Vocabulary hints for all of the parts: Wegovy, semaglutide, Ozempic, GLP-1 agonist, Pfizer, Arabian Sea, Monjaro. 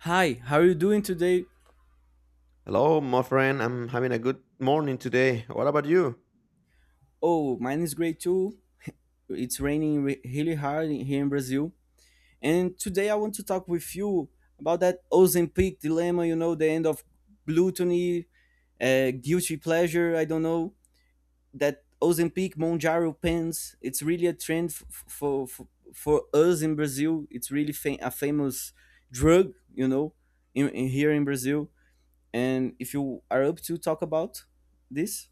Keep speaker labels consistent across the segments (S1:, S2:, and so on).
S1: Hi, how are you doing today?
S2: Hello, my friend. I'm having a good morning today. What about you?
S1: Oh, mine is great too. It's raining really hard here in Brazil. And today I want to talk with you about that Ozempic dilemma, you know, the end of gluttony, guilty pleasure, I don't know. That Ozempic, Monjaro pens, it's really a trend for us in Brazil. It's really a famous drug, you know, in here in Brazil. And if you are up to talk about this,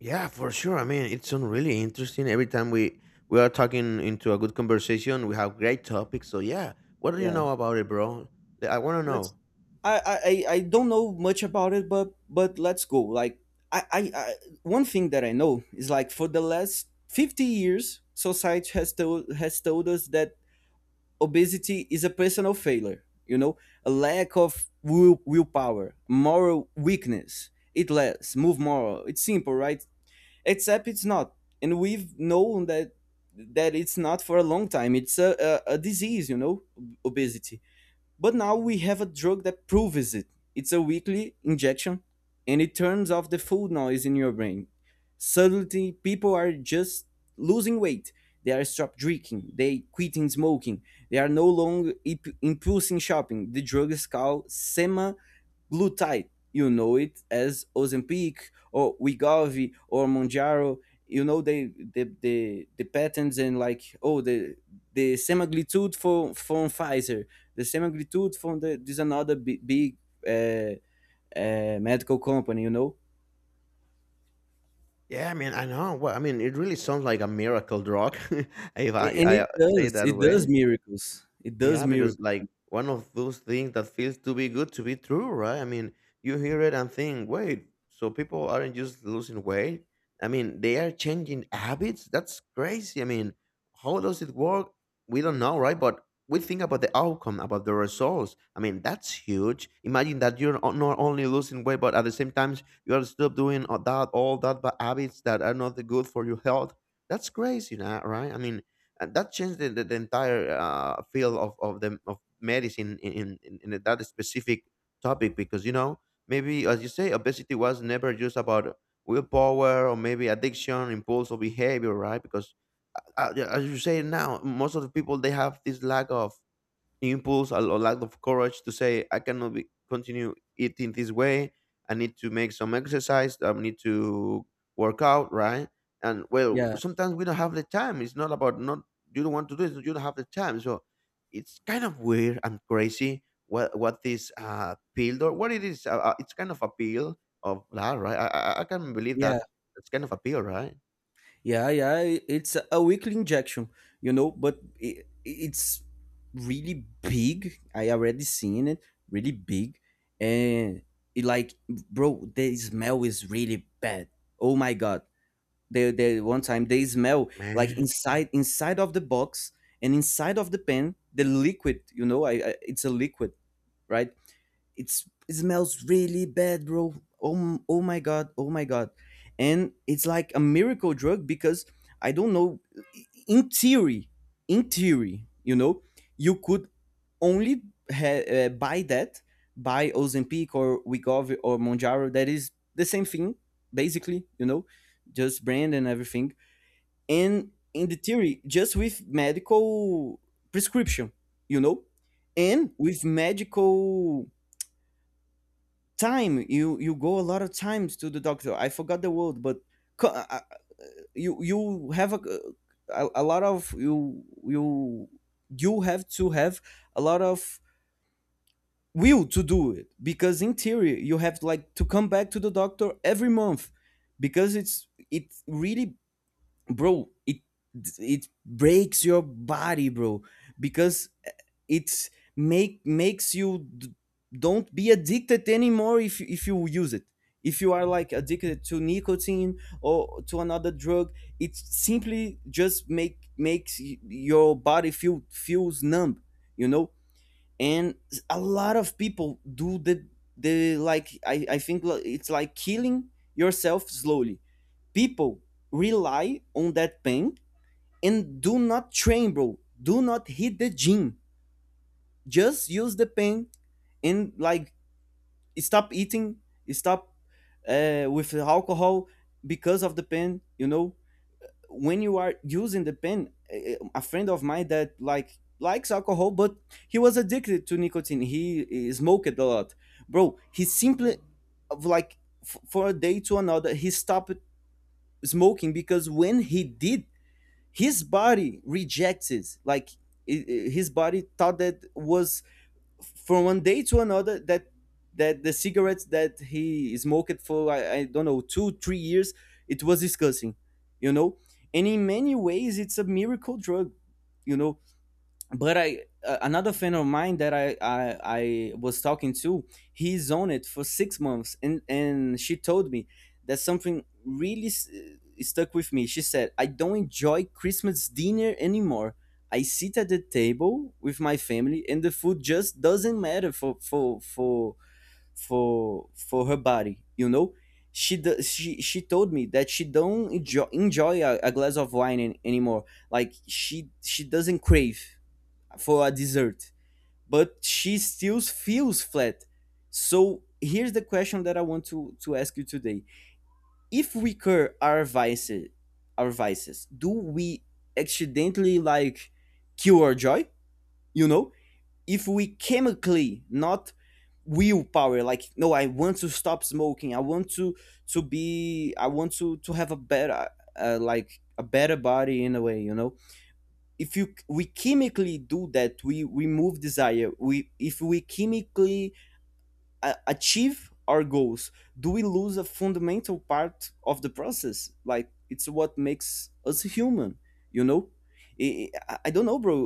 S2: Yeah, for sure. I mean, it's been really interesting. Every time we are talking into a good conversation, we have great topics. So yeah, what do you
S1: yeah.
S2: know about it, bro? I want to
S1: Let's,
S2: know.
S1: I don't know much about it, but let's go. Like, I one thing that I know is, like, for the last 50 years society has told us that obesity is a personal failure, you know, a lack of willpower, moral weakness. Eat less, move more, it's simple, right? Except it's not. And we've known that it's not for a long time. It's a disease, you know. Obesity. But now we have a drug that proves it. It's a weekly injection, and it turns off the food noise in your brain. Suddenly, people are just losing weight. They are stop drinking, they quitting smoking, they are no longer impulsing shopping. The drug is called sema Glutide, you know it as Ozempic or Wegovy or Monjaro. You know the patents, and like, oh, the semaglutide for from Pfizer, the semaglutide from the this another big, big uh, medical company. You know,
S2: Yeah, I mean, I know. Well, I mean, it really sounds like a miracle drug, if I,
S1: And
S2: I say it that
S1: it does
S2: way.
S1: miracles. It does
S2: Yeah, because
S1: miracles.
S2: like one of those things that feels to be good to be true, right? I mean, you hear it and think, wait, so people aren't just losing weight. I mean, they are changing habits. That's crazy. I mean, how does it work? We don't know, right? But we think about the outcome, about the results. I mean, that's huge. Imagine that not only losing weight, but at the same time, you are still doing all that bad habits that are not good for your health. That's crazy, right? I mean, and that changed the entire field of medicine in that specific topic, because, you know, maybe, as you say, obesity was never just about willpower, or maybe addiction, impulsive behavior, right? Because as you say, now most of the people, they have this lack of impulse or lack of courage to say, I cannot continue eating this way. I need to make some exercise, I need to work out, right? And well,
S1: Yeah,
S2: sometimes we don't have the time. It's not about not, you don't want to do it, you don't have the time. So it's kind of weird and crazy what this pill, or what it is, it's kind of a pill of that, right? I can't believe
S1: yeah.
S2: that it's kind of a pill, right,
S1: Yeah, yeah, it's a weekly injection, you know, but I it's really big. I already seen it, really big, and it, like, bro, the smell is really bad. Oh my god! The one time they smell, like,
S2: man?
S1: inside of the box and inside of the pen, the liquid. You know, I it's a liquid, right? It's, it smells really bad, bro. Oh my god, oh my god. And it's like a miracle drug because, I don't know, in theory, you know, you could only buy that, buy Ozempic or Wegovy or Monjaro, that is the same thing basically, you know, just brand and everything. And in the theory, just with medical prescription, you know, and with medical time, you go a lot of times to the doctor. I forgot the word, but co- uh, uh, you, you have a lot of, you have to have a lot of will to do it, because in theory you have, like, to come back to the doctor every month, because it's, it really, bro, it breaks your body, bro, because it's makes you don't be addicted anymore. If if you use it, if you are, like, addicted to nicotine or to another drug, it simply just makes your body feels numb, you know. And a lot of people do the like, I think, like, it's like killing yourself slowly. People rely on that pen and do not tremble, do not hit the gym. Just use the pen and, like, stop eating, stop with alcohol because of the pen. You know, when you are using the pen, a friend of mine that, like, likes alcohol, but he was addicted to nicotine. He, smoked a lot, bro. He simply, of, like, for a day to another, he stopped smoking, because when he did, his body rejects it, like, i- his body thought that was from 1 day to another that the cigarettes that he smoked for, I don't know, 2 3 years, it was disgusting, you know. And in many ways it's a miracle drug, you know. But I another friend of mine that I was talking to, he's on it for 6 months, and she told me that something really stuck with me. She said, "I don't enjoy Christmas dinner anymore. I sit at the table with my family, and the food just doesn't matter for her body. You know." She, do, she told me that she don't enjoy a glass of wine anymore. Like, she doesn't crave for a dessert, but she still feels flat. So here's the question that I want to ask you today. If we curb our vices, do we accidentally, like, kill our joy? You know, if we chemically, not willpower, like, no, I want to stop smoking, I want to be, I want to have a better, like a better body in a way, you know. If you we chemically do that, we remove desire. We, if we chemically achieve our goals, do we lose a fundamental part of the process, like, it's what makes us human, you know? I don't know, bro.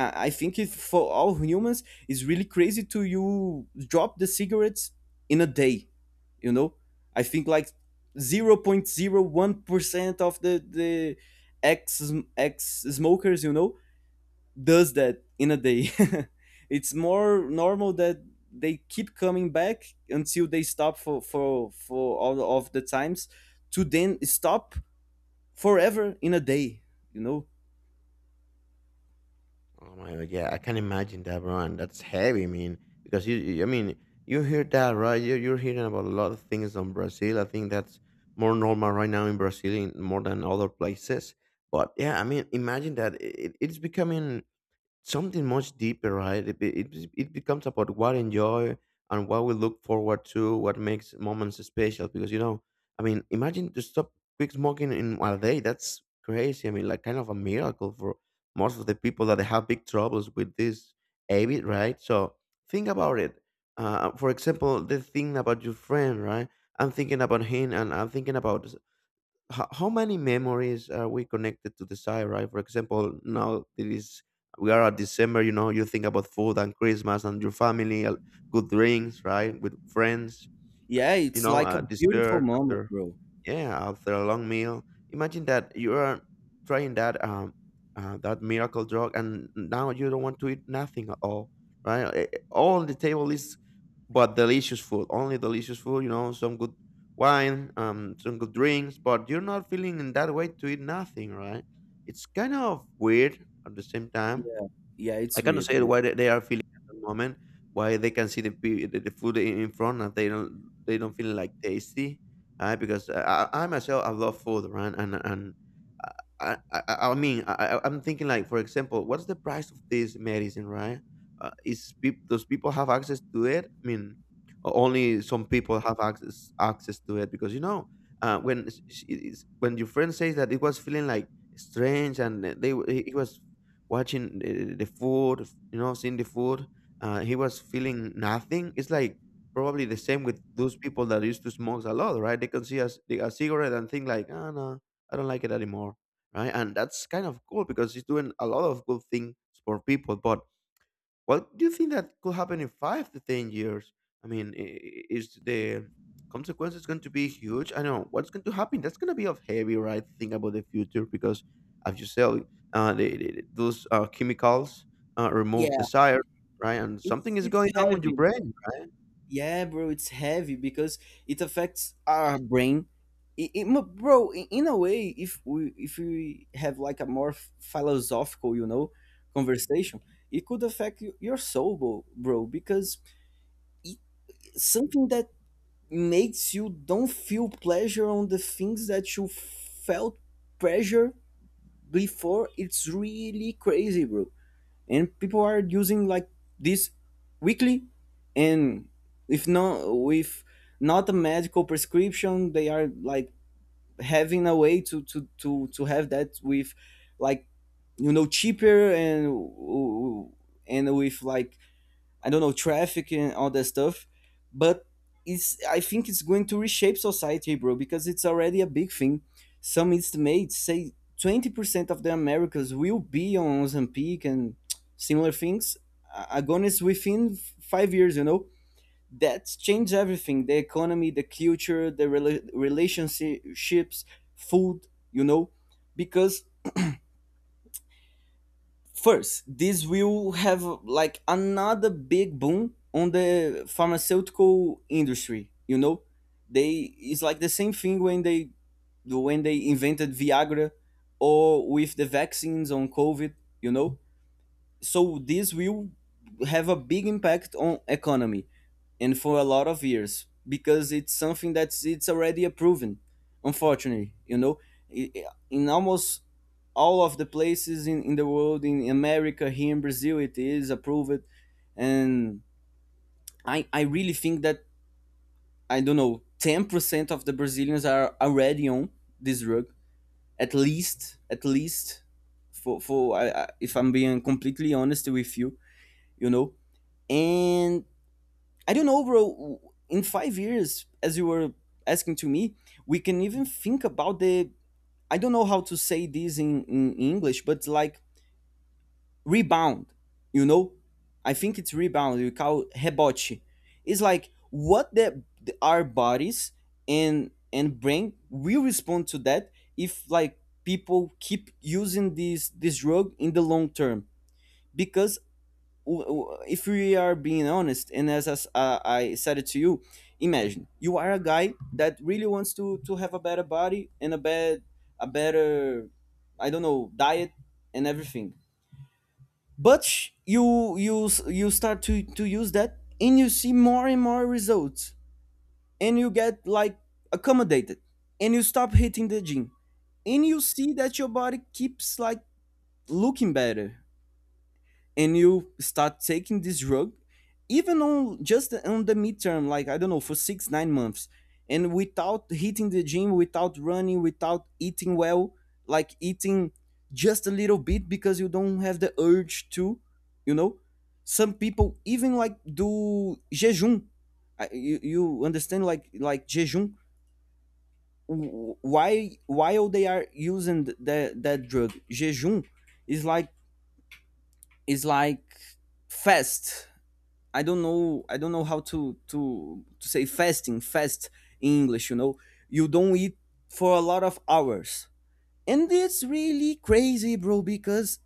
S1: I think, if for all humans, it's really crazy to you drop the cigarettes in a day, you know. I think, like, 0.01% of the ex ex smokers, you know, does that in a day. It's more normal that they keep coming back until they stop for all of the times, to then stop forever in a day. You know?
S2: Oh my god, yeah, I can imagine that, bro, and that's heavy. I mean, because I mean, you hear that, right? You're hearing about a lot of things on Brazil. I think that's more normal right now in Brazil, more than other places. But yeah, I mean, imagine that it's becoming something much deeper, right? It becomes about what enjoy and what we look forward to, what makes moments special. Because, you know, I mean, imagine to stop quit smoking in one day. That's crazy. I mean, like kind of a miracle for most of the people that have big troubles with this habit, right? So think about it. For example, the thing about your friend, right? I'm thinking about him, and I'm thinking about how many memories are we connected to the side, right? For example, now it is, we are at December, you know, you think about food and Christmas and your family, good drinks, right, with friends,
S1: Yeah,
S2: you
S1: it's
S2: know,
S1: like a beautiful
S2: dessert
S1: moment,
S2: after,
S1: bro.
S2: yeah, after a long meal. Imagine that you are trying that miracle drug, and now you don't want to eat nothing at all, right? All the table is but delicious food, only delicious food. You know, some good wine, some good drinks, but you're not feeling in that way to eat nothing, right? It's kind of weird at the same time.
S1: Yeah, yeah,
S2: I
S1: it's
S2: cannot
S1: weird,
S2: say
S1: bro.
S2: why they are feeling at the moment, why they can see the pe- the food in front, and they don't feel like tasty, because I myself, I love food, right? And uh, I mean I'm thinking like, for example, what's the price of this medicine, right? Is peop does people have access to it? I mean, only some people have access to it, because, you know, when s- s- it is- when your friend says that it was feeling like strange, and it was watching the food, you know, seeing the food. He was feeling nothing. It's like probably the same with those people that used to smoke a lot, right? They can see a cigarette and think like, ah, no, I don't like it anymore, right? And that's kind of cool because he's doing a lot of good things for people. But what do you think that could happen in 5 to 10 years? I mean, is the consequences going to be huge? I know what's going to happen. That's going to be of heavy, right? To think about the future because, as you said, those chemicals remove
S1: Yeah,
S2: desire, right? And something is
S1: it's
S2: going on with your
S1: heavy.
S2: brain.
S1: Yeah, bro, it's heavy because it affects our brain. It, bro, in a way, if we have, like, a more philosophical, you know, conversation, it could affect your soul, bro, because something that makes you don't feel pleasure on the things that you felt pleasure before, it's really crazy, bro. And people are using, like, this weekly, and if not with, not a medical prescription, they are, like, having a way to have that with, like, you know, cheaper, and with, like, I don't know, traffic and all that stuff. But it's, I think it's going to reshape society, bro, because it's already a big thing. Some estimates say 20% of the Americas will be on Ozempic and similar things. Agonis within 5 years, you know. That's changed everything: the economy, the culture, the relationships, food, you know. Because first, this will have, like, another big boom on the pharmaceutical industry. You know, they it's like the same thing when they invented Viagra, or with the vaccines on COVID. You know, so this will have a big impact on economy, and for a lot of years, because it's something that's, it's already proven, unfortunately, you know. In almost all of the places in the world, in America, here in Brazil, it is approved. And I really think that, I don't know, 10% of the Brazilians are already on this drug, at least, for I, if I'm being completely honest with you, you know. And I don't know, overall in 5 years, as you were asking to me, we can even think about the, I don't know how to say this in English, but, like, rebound, you know. I think it's rebound, we call rebote. It's like what the, our bodies and brain will respond to that if, like, people keep using this drug in the long term. Because if we are being honest, and as, I said it to you, imagine you are a guy that really wants to have a better body, and a bad, a better, I don't know, diet and everything, but you, you start to use that, and you see more and more results, and you get, like, accommodated, and you stop hitting the gym, and you see that your body keeps, like, looking better, and you start taking this drug, even on, just on the midterm, like, I don't know, for 6 9 months, and without hitting the gym, without running, without eating well, like, eating just a little bit because you don't have the urge to, you know. Some people even, like, do jejum. You, you understand, like, jejum. Why, while they are using that drug, jejum is like, is like fast. I don't know, how to say fasting, fast in English. You know, you don't eat for a lot of hours. And it's really crazy, bro, because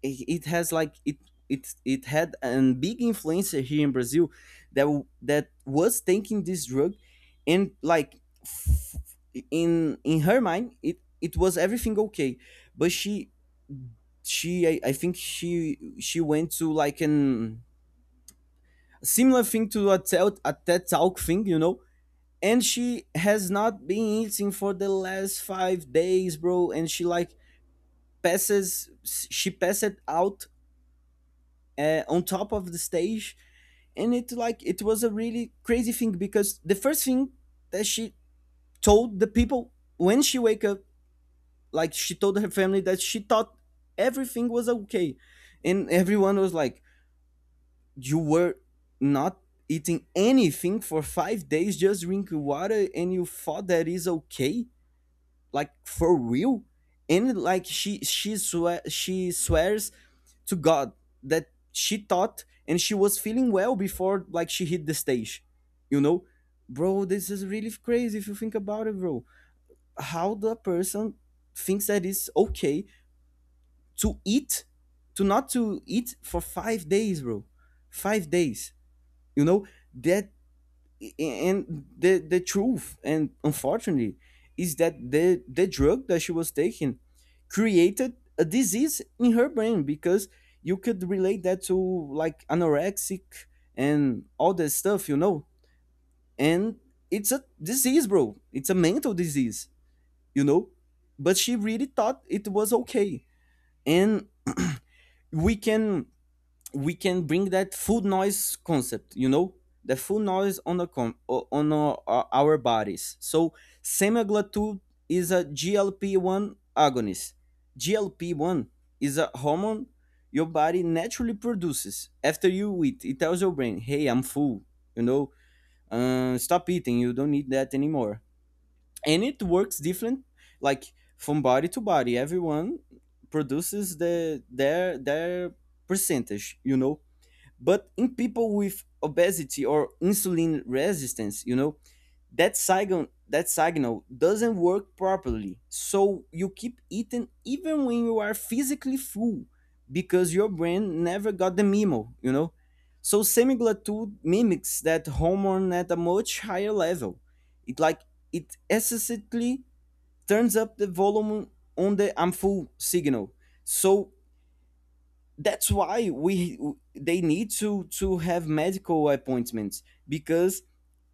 S1: it has, like, it, it had a big influencer here in Brazil that that was taking this drug, and, like, in her mind it, it was everything okay, but she, I think she went to, like, an similar thing to a TED Talk thing, you know. And she has not been eating for the last 5 days, bro. And she like she passed out on top of the stage, and it was a really crazy thing because the first thing that she told the people when she wake up, like she told her family that she thought everything was okay, and everyone was like, you were not eating anything for 5 days, just drinking water, and you thought that is okay, like for real. And like she swears to God that she thought and she was feeling well before like she hit the stage, you know, bro. This is really crazy if you think about it, bro. How the person thinks that is okay to eat, to not to eat for 5 days, bro, 5 days. You know that, and the truth, and unfortunately is that the drug that she was taking created a disease in her brain, because you could relate that to like anorexic and all that stuff, you know, and it's a disease, bro, it's a mental disease, you know. But she really thought it was okay. And we can we can bring that food noise concept, you know, the food noise on on our bodies. So semaglutide is a GLP-1 agonist. GLP-1 is a hormone your body naturally produces after you eat. It tells your brain, hey, I'm full, you know, stop eating, you don't need that anymore. And it works different, like from body to body. Everyone produces their percentage, you know. But in people with obesity or insulin resistance, you know, that signal doesn't work properly. So you keep eating even when you are physically full, because your brain never got the memo, you know? So semaglutide mimics that hormone at a much higher level. It like it excessively turns up the volume on the I'm full signal. So that's why we they need to have medical appointments, because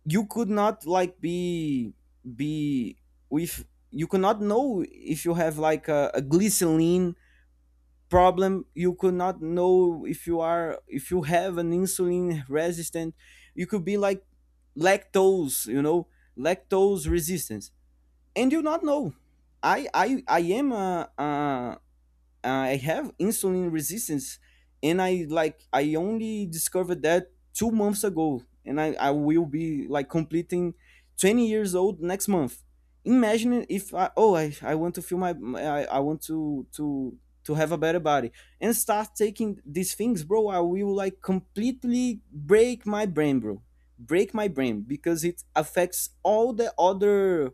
S1: you could not like be with, you could not know if you have like a glycerin problem. You could not know if you are if you have an insulin resistant. You could be like lactose, you know, lactose resistance, and you not know. I am a I have insulin resistance, and I only discovered that 2 months ago, and I will be like completing 20 years old next month. Imagine if I oh I want to feel I want to to have a better body and start taking these things, bro. I will like completely break my brain, bro. Break my brain, because it affects all the other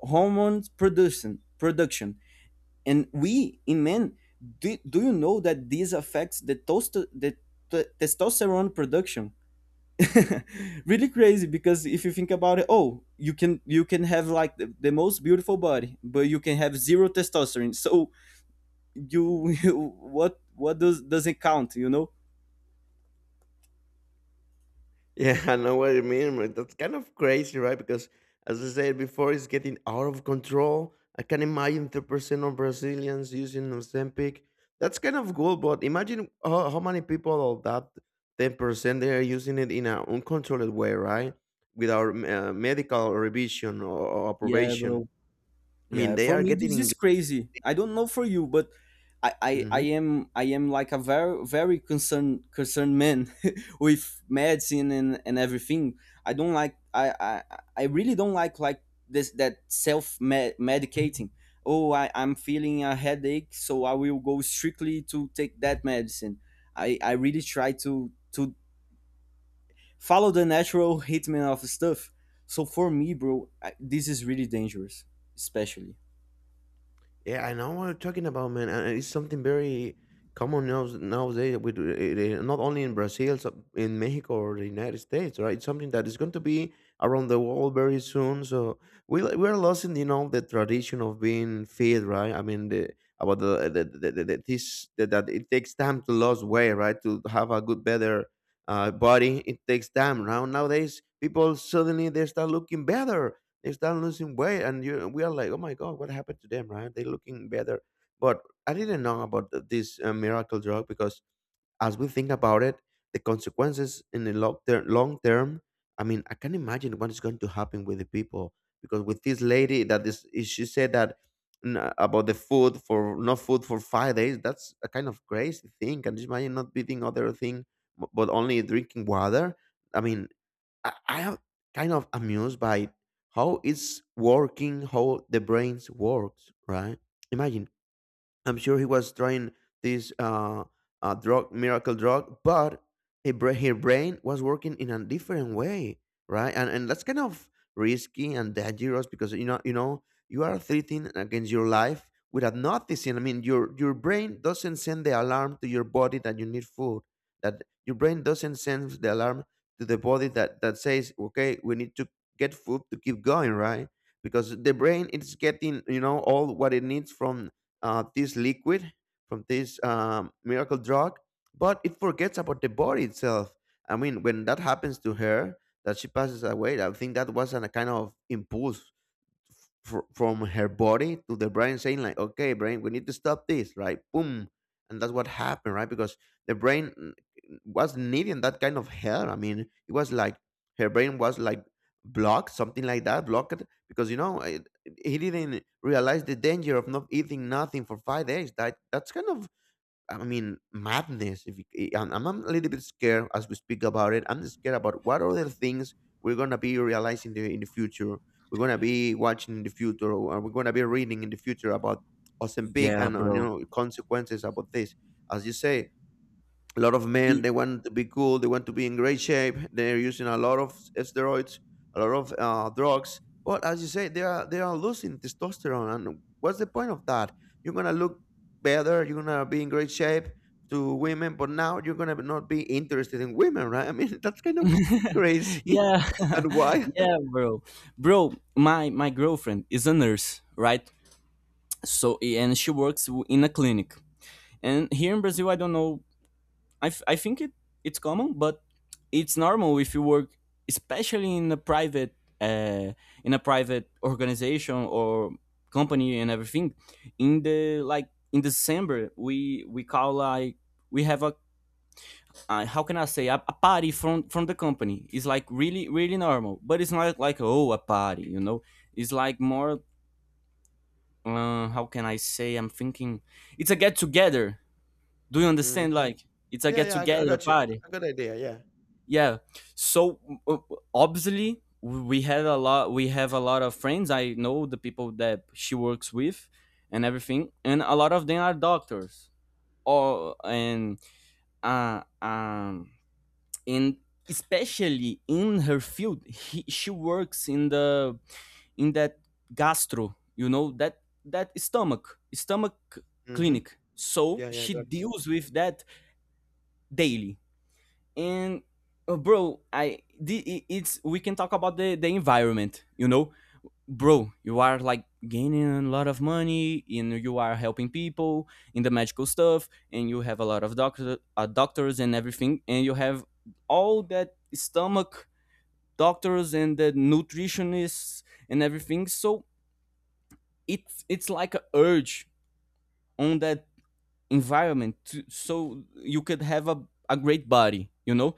S1: hormones production. And we in men, do you know that this affects the toast the t- testosterone production? Really crazy, because if you think about it, you can, have like the most beautiful body, but you can have zero testosterone, so you what does doesn't count, you know.
S2: Yeah, I know what you mean, but that's kind of crazy, right? Because, as I said before, it's getting out of control. I can imagine 3% of Brazilians using Ozempic. That's kind of cool, but imagine how many people of that 10% they are using it in an uncontrolled way, right? Without medical revision, or
S1: Yeah,
S2: approbation.
S1: bro.
S2: I mean,
S1: Yeah,
S2: they
S1: for
S2: are
S1: me
S2: getting
S1: this is
S2: engaged.
S1: crazy. I don't know for you, but I
S2: Mm-hmm.
S1: am like a very concerned man with medicine and everything. I don't like I really don't like this that medicating. Oh, I'm feeling a headache, so I will go strictly to take that medicine. I really try to follow the natural treatment of stuff. So for me, bro, this is really dangerous, especially.
S2: Yeah, I know what you're talking about, man. And it's something very common now nowadays. With not only in Brazil, in Mexico or the United States, right? It's something that is going to be around the world very soon. So we're losing, you know, the tradition of being fit, right? I mean, about the this that it takes time to lose weight, right? To have a good, better body, it takes time. Now nowadays, people suddenly they start looking better, they start losing weight, and you, we are like, oh my god, what happened to them, right? They're looking better. But I didn't know about this miracle drug, because, as we think about it, the consequences in the long term, long term, I mean, I can imagine what is going to happen with the people. Because with this lady, that she said that about the food, for no food for 5 days, that's a kind of crazy thing. Can you imagine not eating other thing, but only drinking water? I mean, I am kind of amused by how it's working, how the brains works, right? Imagine, I'm sure he was trying this drug, miracle drug, but his brain was working in a different way, right? And that's kind of risky and dangerous, because, you know, you are threatening against your life without noticing. I mean, your brain doesn't send the alarm to your body that you need food. That your brain doesn't send the alarm to the body, that says, okay, we need to get food to keep going, right? Because the brain is getting, you know, all what it needs from this liquid, from this miracle drug, but it forgets about the body itself. I mean, when that happens to her, that she passes away, I think that was a kind of impulse from her body to the brain, saying like, okay, brain, we need to stop this, right? Boom. And that's what happened, right? Because the brain, was needing that kind of help. I mean, it was like her brain was like blocked, something like that, blocked, because, you know, he didn't realize the danger of not eating nothing for 5 days. That's kind of, I mean, madness. If you, I'm a little bit scared as we speak about it. I'm scared about what other things we're gonna be realizing in the future. We're gonna be watching in the future, or we're gonna be reading in the future about Ozempic
S1: Yeah,
S2: and, you
S1: bro.
S2: know, consequences about this. As you say, a lot of men,
S1: Y-
S2: they want to be cool, they want to be in great shape, they're using a lot of steroids, a lot of drugs, but, as you say, they are losing testosterone. And what's the point of that? You're gonna look better, you're gonna be in great shape to women, but now you're gonna not be interested in women, right? I mean, that's kind of crazy.
S1: Yeah,
S2: And why?
S1: yeah, bro. Bro, my girlfriend is a nurse, right? So, and she works in a clinic. And here in Brazil, I don't know, I think it's common, but it's normal if you work, especially uh, in a private organization or company and everything. In the like in December, we call like we have a how can I say, a party from the company. It's like really really normal, but it's not like, oh, a party, you know. It's like more, how can I say? I'm thinking it's a get together. Do you
S2: Hmm.
S1: understand? Like, it's a
S2: Yeah,
S1: get
S2: yeah, I
S1: together
S2: got you,
S1: party.
S2: I got the idea, yeah.
S1: Yeah. So, uh, obviously we had a lot. We have a lot of friends. I know the people that she works with and everything, and a lot of them are doctors. Or uh, um, and especially in her field, she works in the in that gastro, you know, that stomach
S2: Hmm.
S1: clinic, so
S2: Yeah, yeah, I
S1: she
S2: got.
S1: deals with that daily. And bro, it's, we can talk about the environment, you know. Bro, you are like gaining a lot of money and you are helping people in the medical stuff, and you have a lot of doctors and everything, and you have all that stomach doctors and the nutritionists and everything. So it's like a urge on that environment, so you could have a great body, you know,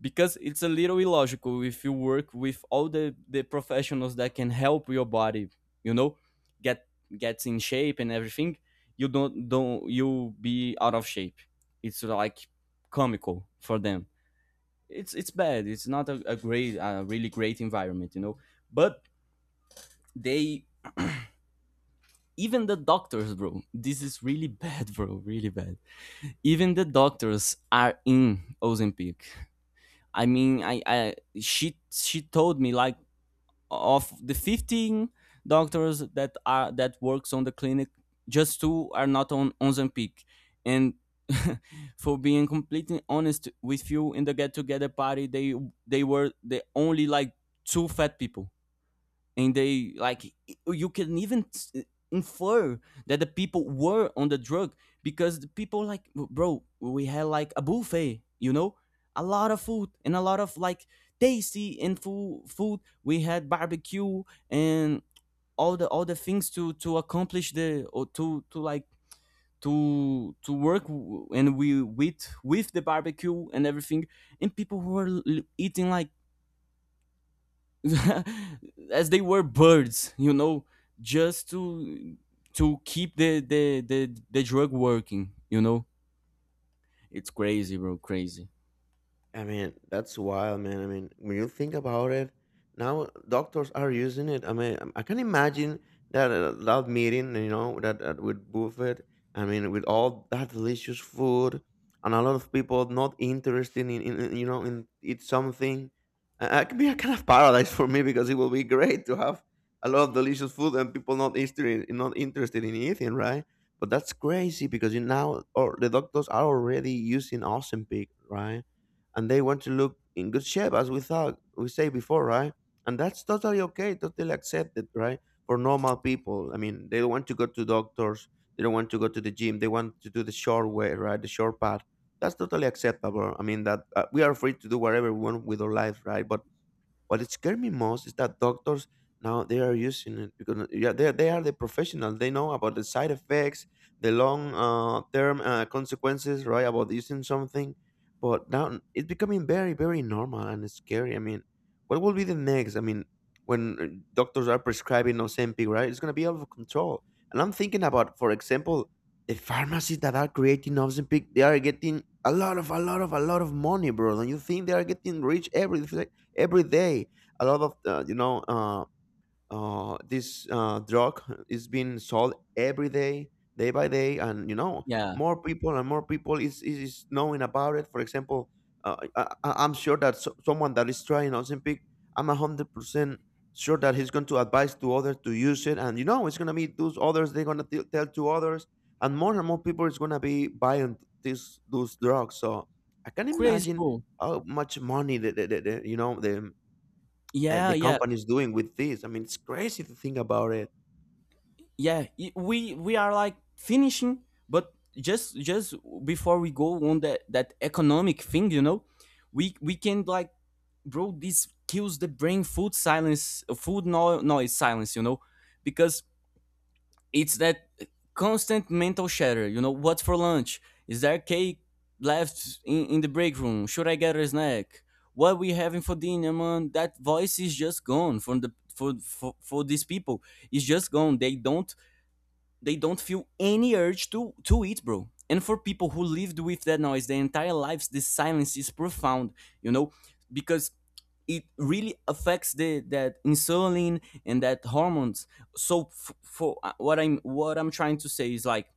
S1: because it's a little illogical if you work with all the professionals that can help your body, you know, get gets in shape and everything. You don't you be out of shape. It's like comical for them. It's bad. It's not a really great environment, you know. But they, even the doctors, bro. This is really bad, bro. Really bad. Even the doctors are in Ozempic. I mean, I she told me, like, of the 15 doctors that are that works on the clinic, just two are not on Ozempic. And for being completely honest with you, in the get together party, they were the only like two fat people. And they, like, you can even infer that the people were on the drug, because the people, like, bro, we had like a buffet, you know, a lot of food and a lot of like tasty and full food. We had barbecue, and all the things to accomplish the, or to to work and we with the barbecue and everything, and people who were eating like as they were birds, you know, just to keep the drug working, you know. It's crazy, bro, crazy.
S2: I mean, that's wild, man. I mean, when you think about it, now doctors are using it. I mean, I can imagine that that meeting, you know, that with buffet. I mean, with all that delicious food, and a lot of people not interested in, you know, in eat something. It could be a kind of paradise for me, because it will be great to have a lot of delicious food and people not interested, in eating, right? But that's crazy, because you now, or the doctors are already using Ozempic, right? And they want to look in good shape, as we thought we say before, right? And that's totally okay, totally accepted, right? For normal people, I mean, they don't want to go to doctors, they don't want to go to the gym, they want to do the short way, right, the short path. That's totally acceptable. I mean, that, we are free to do whatever we want with our life, right? But what scared me most is that doctors, now they are using it, because, yeah, they are the professionals. They know about the side effects, the long term consequences, right? About using something. But now it's becoming very very normal, and it's scary. I mean, what will be the next? I mean, when doctors are prescribing Ozempic, right? It's gonna be out of control. And I'm thinking about, for example, the pharmacies that are creating Ozempic. They are getting a lot of a lot of a lot of money, bro. Don't you think they are getting rich every day? A lot of, you know, this, drug is being sold every day by day, and, you know,
S1: Yeah.
S2: more people and more people is, knowing about it. For example, I'm sure that, someone that is trying Ozempic, I'm 100% sure that he's going to advise to others to use it, and, you know, it's going to be those others, they're going to tell to others, and more people is going to be buying these those drugs. So I can
S1: Crazy,
S2: imagine
S1: bro.
S2: how much money the you know
S1: Yeah,
S2: the
S1: yeah.
S2: company is doing with this. I mean, it's crazy to think about it.
S1: Yeah, we are like finishing, but just before we go on that that economic thing, you know, we we can like, bro, this kills the brain food silence, food no, noise silence, you know, because it's that constant mental chatter. You know, what's for lunch? Is there cake left in the break room? Should I get a snack? What we having for dinner, man? That voice is just gone from the for these people. It's just gone. They don't feel any urge to eat, bro. And for people who lived with that noise their entire lives, this silence is profound. You know, because it really affects the that insulin and that hormones. So for what I'm trying to say is, like,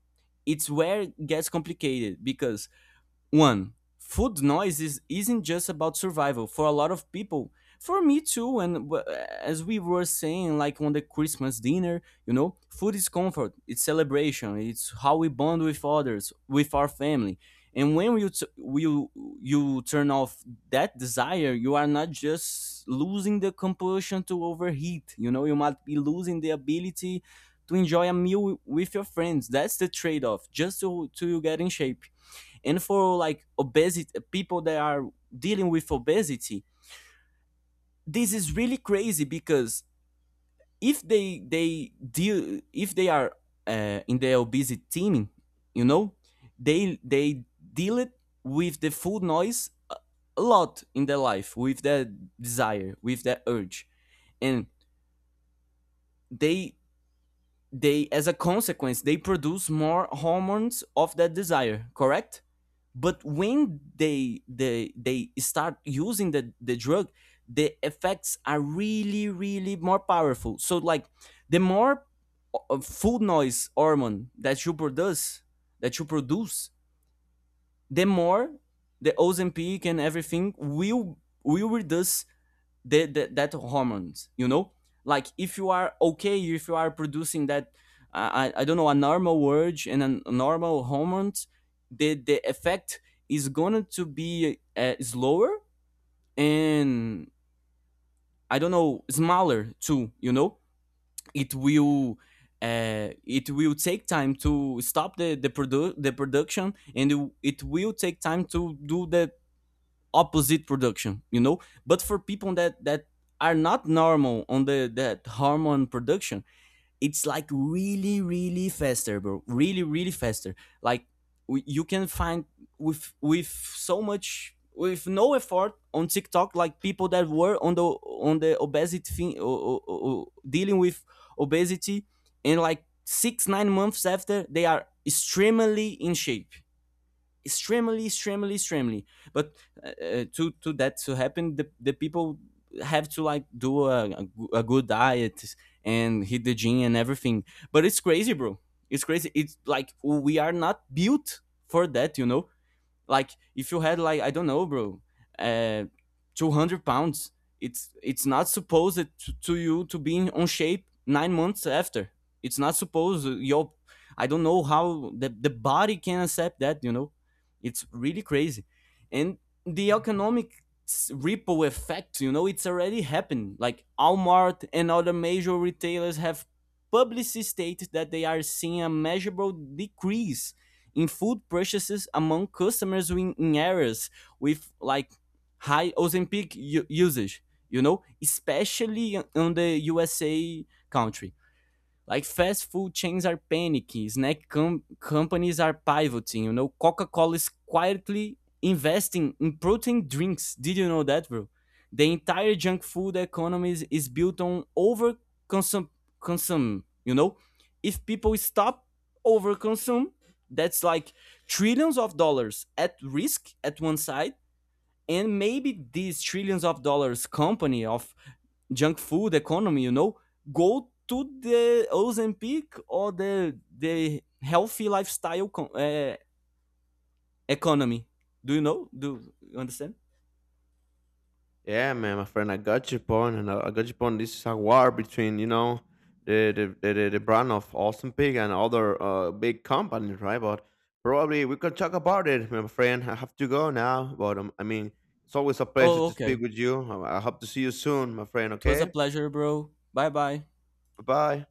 S1: it's where it gets complicated because one food noise isn't just about survival for a lot of people, for me too. And as we were saying, like, on the Christmas dinner, you know, food is comfort, it's celebration, it's how we bond with others, with our family. And when you t- you turn off that desire, you are not just losing the compulsion to overheat, you know, you might be losing the ability to enjoy a meal with your friends. That's the trade-off, just to you get in shape. And for like obesity people that are dealing with obesity, this is really crazy, because if they they deal if they are in the obesity team, you know, they deal it with the food noise a lot in their life, with their desire, with their urge. And they, as a consequence, they produce more hormones of that desire, correct? But when they start using the drug, the effects are really really more powerful. So, like, the more food noise hormone that you produce, the more the Ozempic and everything will reduce the that hormones, you know. Like if you are okay, if you are producing that, I don't know, a normal urge and a normal hormones, the effect is going to be slower, and, I don't know, smaller too, you know. It will, it will take time to stop the production, and it will take time to do the opposite production, you know. But for people that are not normal on the that hormone production, it's like really really faster, bro, really really faster. Like, you can find with so much with no effort on TikTok, like people that were on the obesity thing, dealing with obesity, and like 6, 9 months after they are extremely in shape, extremely. But to that to happen, the people have to, like, do a good diet and hit the gym and everything. But it's crazy, bro, it's crazy. It's like we are not built for that, you know. Like if you had like, I don't know, bro, uh, 200 pounds, it's not supposed to you to be in, on shape 9 months after. It's not supposed, your, I don't know how the body can accept that. You know, it's really crazy. And the economic ripple effect, you know, it's already happened. Like Walmart and other major retailers have publicly stated that they are seeing a measurable decrease in food purchases among customers in areas with like high Ozempic usage, you know, especially on the USA country. Like fast food chains are panicking, companies are pivoting, you know, Coca-Cola is quietly investing in protein drinks. Did you know that, bro? The entire junk food economy is built on over consum consum, you know? If people stop overconsume, that's like trillions of dollars at risk at one side, and maybe this trillions of dollars company of junk food economy, you know, go to the Ozempic or the healthy lifestyle uh, economy. Do you know, do you understand?
S2: Yeah, man, my friend, I got your point, and I got your point. This is a war between, the the brand of Austin Pig and other big companies, right? But probably we could talk about it, my friend. I have to go now, but, I mean, it's always a pleasure
S1: Oh,
S2: to speak
S1: okay.
S2: with you. I hope to see you soon, my friend.
S1: It was a
S2: Okay,
S1: pleasure, bro. Bye bye.
S2: bye bye.